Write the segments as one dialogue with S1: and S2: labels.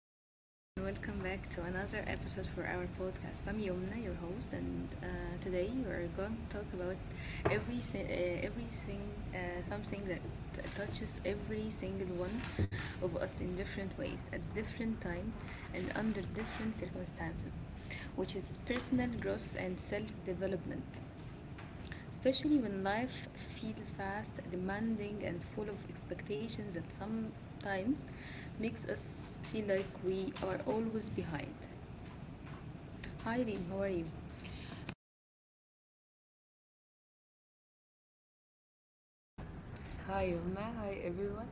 S1: Hello everyone and welcome back to another episode for our podcast. I'm Yomna, your host, and today we are going to talk about everything, uh, something that touches every single one of us in different ways, at different times, and under different circumstances, which is personal growth and self-development. Especially when life feels fast, demanding, and full of expectations that sometimes makes us feel like we are always behind. Hi, Reem, how are you?
S2: Hi, Umna. Hi, everyone.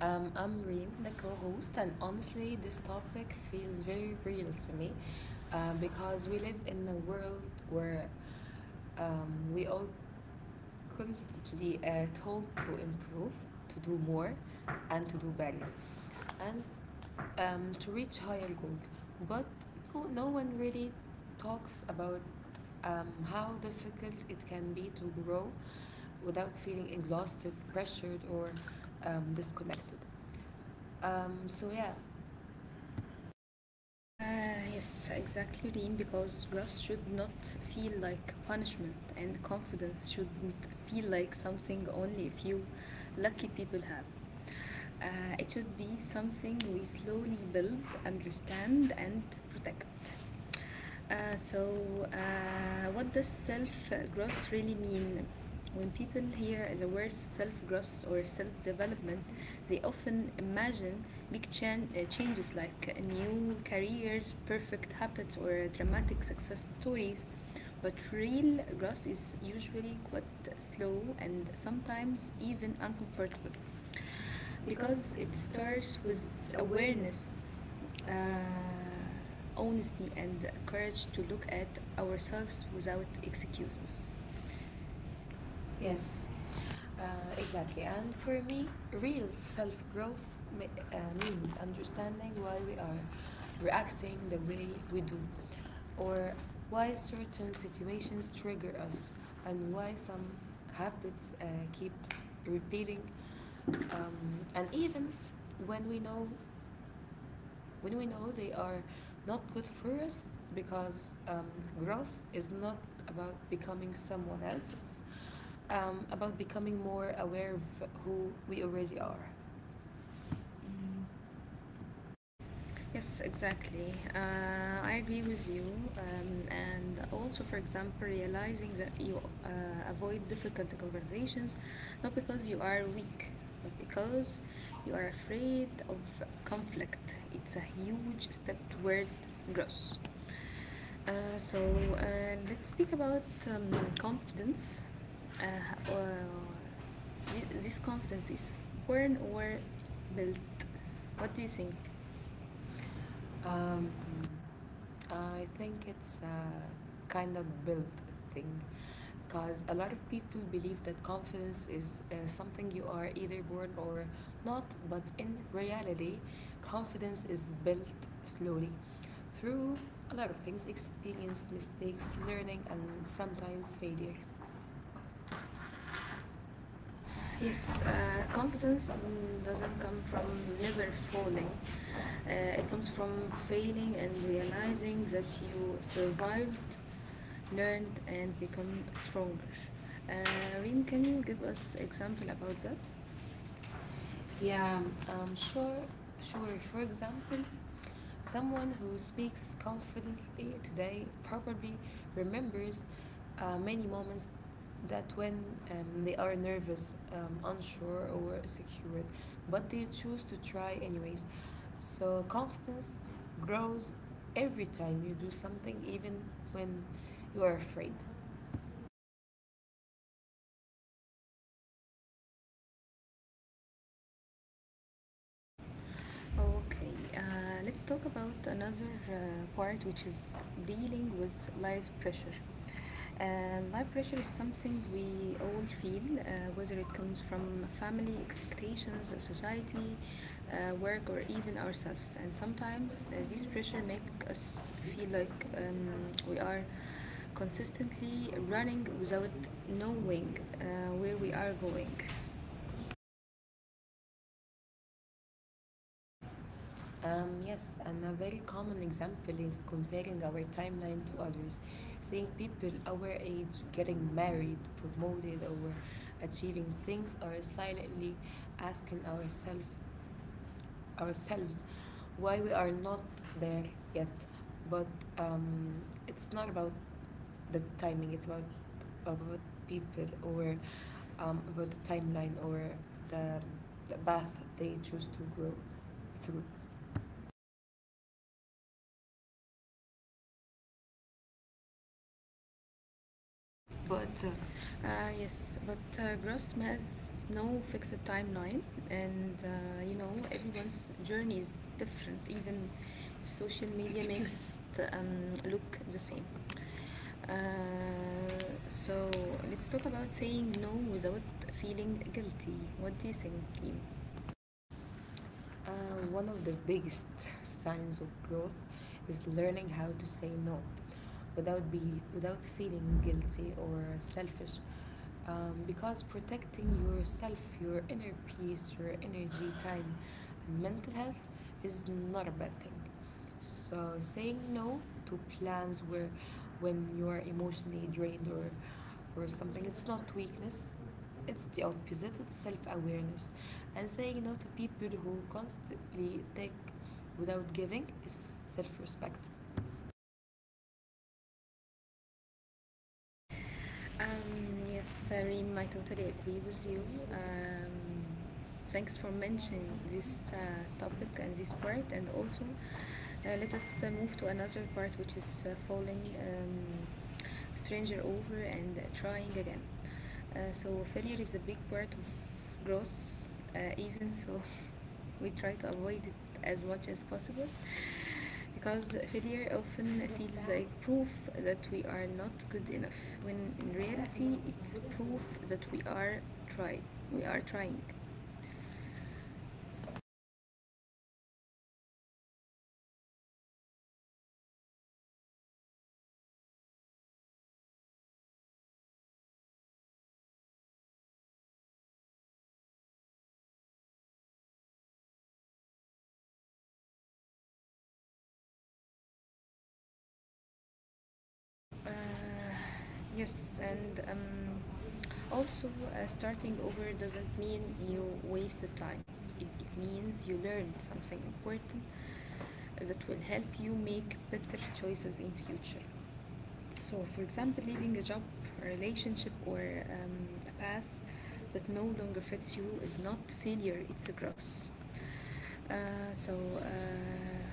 S2: I'm Reem, the co host, and honestly, this topic feels very real to me because we live in a world where we all constantly told to improve, to do more, and to do better, and to reach higher goals. But no one really talks about how difficult it can be to grow without feeling exhausted, pressured, or disconnected. So yeah,
S1: Yes, exactly, Reem, because rust should not feel like punishment, and confidence shouldn't feel like something only a few lucky people have. It should be something we slowly build, understand, and protect. So what does self growth really mean? When people hear the word self growth or self development, they often imagine changes like new careers, perfect habits, or dramatic success stories. But real growth is usually quite slow and sometimes even uncomfortable
S2: because
S1: because
S2: it
S1: it
S2: starts
S1: starts
S2: with
S1: with
S2: awareness.
S1: awareness,
S2: Uh,
S1: honesty and courage to look at ourselves without excuses. Yes.
S2: yes, uh, exactly. And for me, real self growth means understanding why we are reacting the way we do, or why certain situations trigger us, and why some habits keep repeating, and even when we know when we know they are not good for us because growth is not about becoming someone else. It's about becoming more aware of who we already are.
S1: Yes, exactly. I agree with you. And also, for example, realizing that you avoid difficult conversations not because you are weak, but because you are afraid of conflict. It's a huge step toward growth. So let's speak about confidence. Uh, uh, this confidence is born or built. What do you think?
S2: um,
S1: Um,
S2: I think it's a kind of build thing because a lot of people believe that confidence is something you are either born or not, but in reality confidence is built slowly through a lot of things: experience, mistakes, learning, and sometimes failure. Yes,
S1: Yes, confidence
S2: confidence doesn't
S1: doesn't
S2: come
S1: come
S2: from
S1: from
S2: never
S1: never falling.
S2: falling.
S1: Uh,
S2: It
S1: it
S2: comes
S1: comes
S2: from
S1: from
S2: failing
S1: failing
S2: and
S1: and
S2: realizing
S1: realizing that
S2: that you
S1: you
S2: survived.
S1: survived, learned, and become stronger. Reem, can you give us example about that?
S2: Yeah,
S1: Yeah.
S2: um, sure, sure. For example, someone who speaks confidently today probably remembers many moments that when they are nervous, unsure, or secure, but they choose to try anyways. So confidence grows every time you do something, even when you are afraid.
S1: Okay, let's talk about another part which is dealing with life pressure. And life pressure is something we all feel, whether it comes from family expectations, society, work, or even ourselves. And sometimes this pressure makes us feel like we are consistently running without knowing where we are going.
S2: Yes, and a very common example is comparing our timeline to others, seeing people our age getting married, promoted, or achieving things, or silently asking ourselves why we are not there yet. But um, it's not about the timing. It's about people, or about the timeline, or the, the path.
S1: But uh, yes, but growth has no fixed timeline, and you know everyone's journey is different, even if social media makes it look the same. Uh, so let's talk about saying no without feeling guilty. What do you think, Reem?
S2: One of the biggest signs of growth is learning how to say no without be without feeling guilty or selfish. Because protecting yourself, your inner peace, your energy, time, and mental health is not a bad thing. So saying no to plans where when you are emotionally drained or something, it's not weakness. It's the opposite, it's self awareness. And saying no to people who constantly take without giving is self respect.
S1: Yes, Reem, I totally agree with you. Um, Thanks for mentioning this topic and this part, and also let us move to another part, which is falling a stranger over and trying again. So failure is a big part of growth, even so we try to avoid it as much as possible because failure often feels like proof that we are not good enough when in reality it's proof that we are try we are trying. uh, yes and um, Starting over doesn't mean you wasted time. It means you learned something important that will help you make better choices in future. So, for example, leaving a job, a relationship, or a path that no longer fits you is not failure; it's a growth. Uh, so. Uh,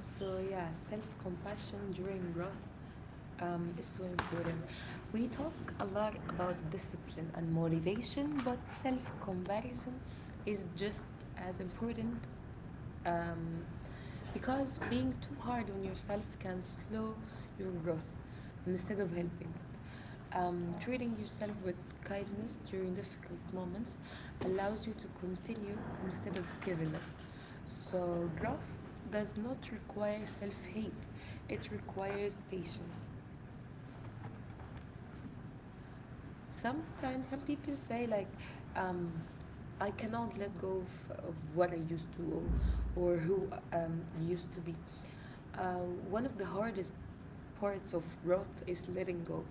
S2: So, yeah, self compassion during growth is so important. We talk a lot about discipline and motivation, but self comparison is just as important. um, Because being too hard on yourself can slow your growth instead of helping it. Treating yourself with kindness during difficult moments allows you to continue instead of giving up. So, growth does not require self hate, it requires patience. Sometimes some people say like um, I cannot let go of what I used to, or who I used to be. uh, One of the hardest parts of growth is letting go,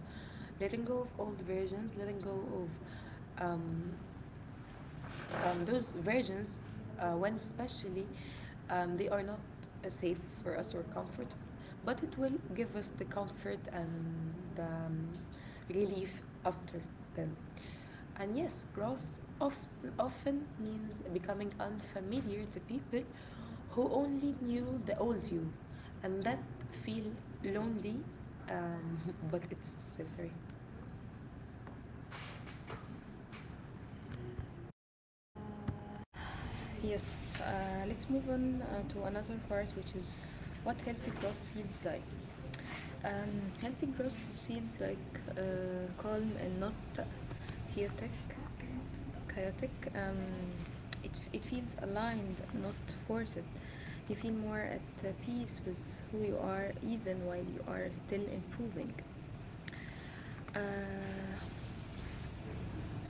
S2: letting go of old versions, letting go of those versions, when especially, they are not safe for us or comfortable, but it will give us the comfort and the relief after then. And yes, growth often, often means becoming unfamiliar to people who only knew the old you, and that feel lonely, um, but it's necessary.
S1: Yes, let's move on to another part, which is what healthy growth feels like. Healthy growth feels like calm and not chaotic. Chaotic. It feels aligned, not forced. You feel more at peace with who you are, even while you are still improving. Uh,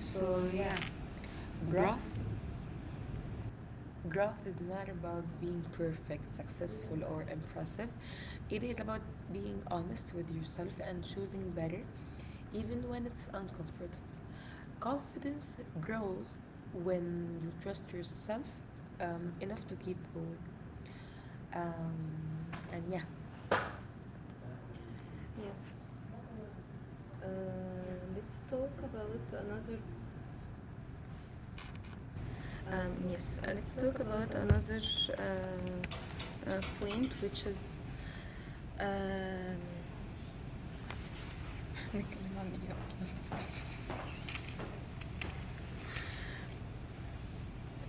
S1: So
S2: yeah,
S1: yeah,
S2: growth
S1: broth.
S2: Growth is not about being perfect, successful, or impressive. It is about being honest with yourself and choosing better, even when it's uncomfortable. Confidence grows when you trust yourself enough to keep going. And yeah, Yes. Uh, let's talk about another. Yes,
S1: Yes, uh,
S2: Let's
S1: let's
S2: talk
S1: talk
S2: about
S1: about
S2: another.
S1: another uh, point, which is. Um, نتكلم عن إيه أصلاً؟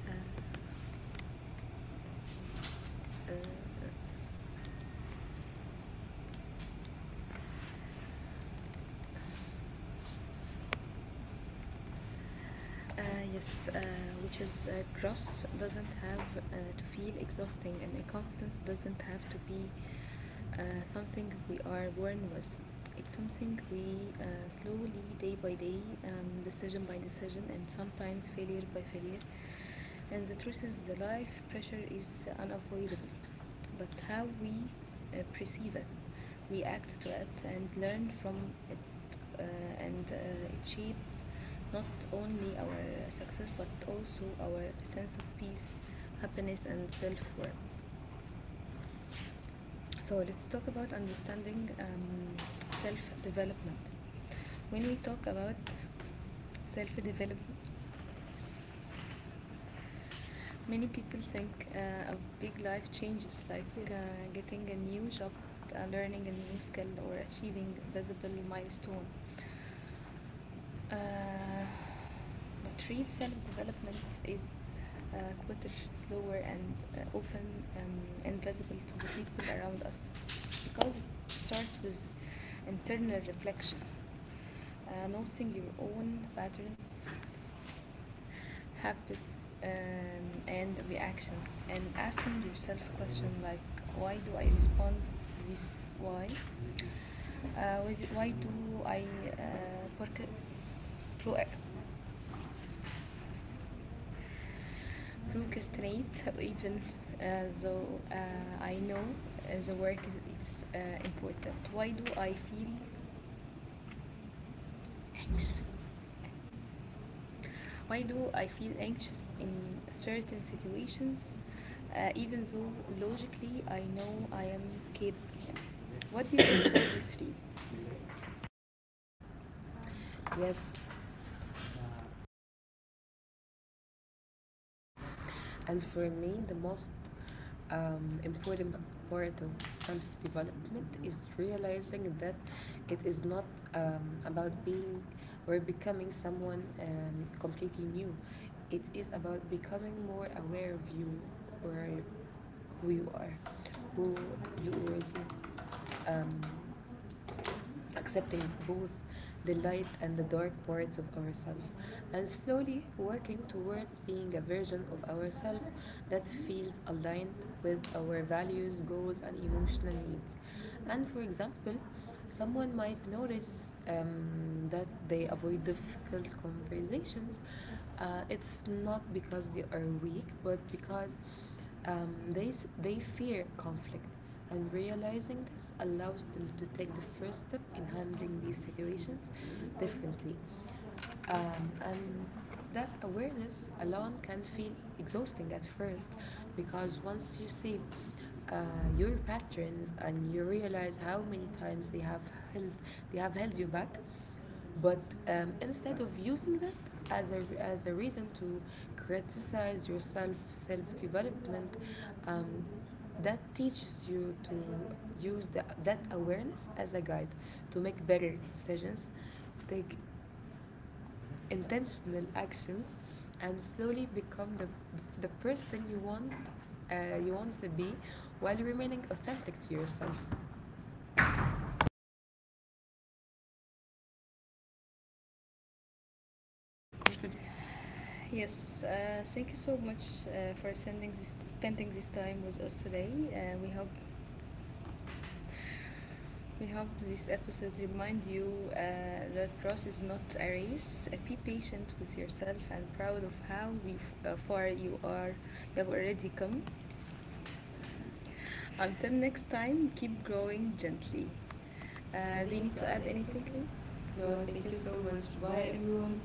S1: آه، uh, uh, uh, yes, uh, which is gross doesn't have to feel exhausting, and incompetence doesn't have to be something we are born with. It's something we slowly, day by day, decision by decision, and sometimes failure by failure, and the truth is, the life pressure is unavoidable, but how we perceive it, react to it, and learn from it, uh, and it shapes not only our success but also our sense of peace, happiness, and self worth. So, let's talk about understanding self development. When we talk about self development, many people think of big life changes like getting a new job, learning a new skill, or achieving a visible milestone. Uh, but real self development is uh, quieter, slower, and often invisible to the people around us because it starts with internal reflection, noticing your own patterns, habits and reactions and asking yourself a question like, why do I respond this way? Why do I uh, porca- pro- procrastinate even though I know the work is important? Why do I feel anxious Why do I feel anxious in certain situations, even though logically I know I am capable? What do you think about this three?
S2: yes. And for me, the most important part of self development is realizing that it is not about being or becoming someone completely new. It is about becoming more aware of you, or who you are, who you already um, accepting both the light and the dark parts of ourselves, and slowly working towards being a version of ourselves that feels aligned with our values, goals, and emotional needs. And for example, someone might notice that they avoid difficult conversations. It's not because they are weak, but because they fear conflict, and realizing this allows them to take the first step in handling these situations differently. And that awareness alone can feel exhausting at first because once you see uh, your patterns and you realize how many times held they have held you back, but instead of using that as as a reason to criticize yourself, self development, um, that teaches you to use that awareness as a guide to make better decisions, take intentional actions, and slowly become the person you want to be while remaining authentic to yourself.
S1: Yes, thank you so much for sending this, spending this time with us today. We hope this episode remind you that growth is not a race. Be patient with yourself and proud of how far you are you have already come. Until next time, keep growing gently.
S2: Uh, do
S1: Do
S2: you
S1: you
S2: need
S1: need
S2: to
S1: to
S2: add
S1: add
S2: anything,
S1: anything,
S2: Karim?
S1: Kareem?
S2: No,
S1: No,
S2: thank
S1: thank
S2: you
S1: you
S2: so
S1: so
S2: much.
S1: much.
S2: Bye,
S1: Bye,
S2: everyone.
S1: everyone.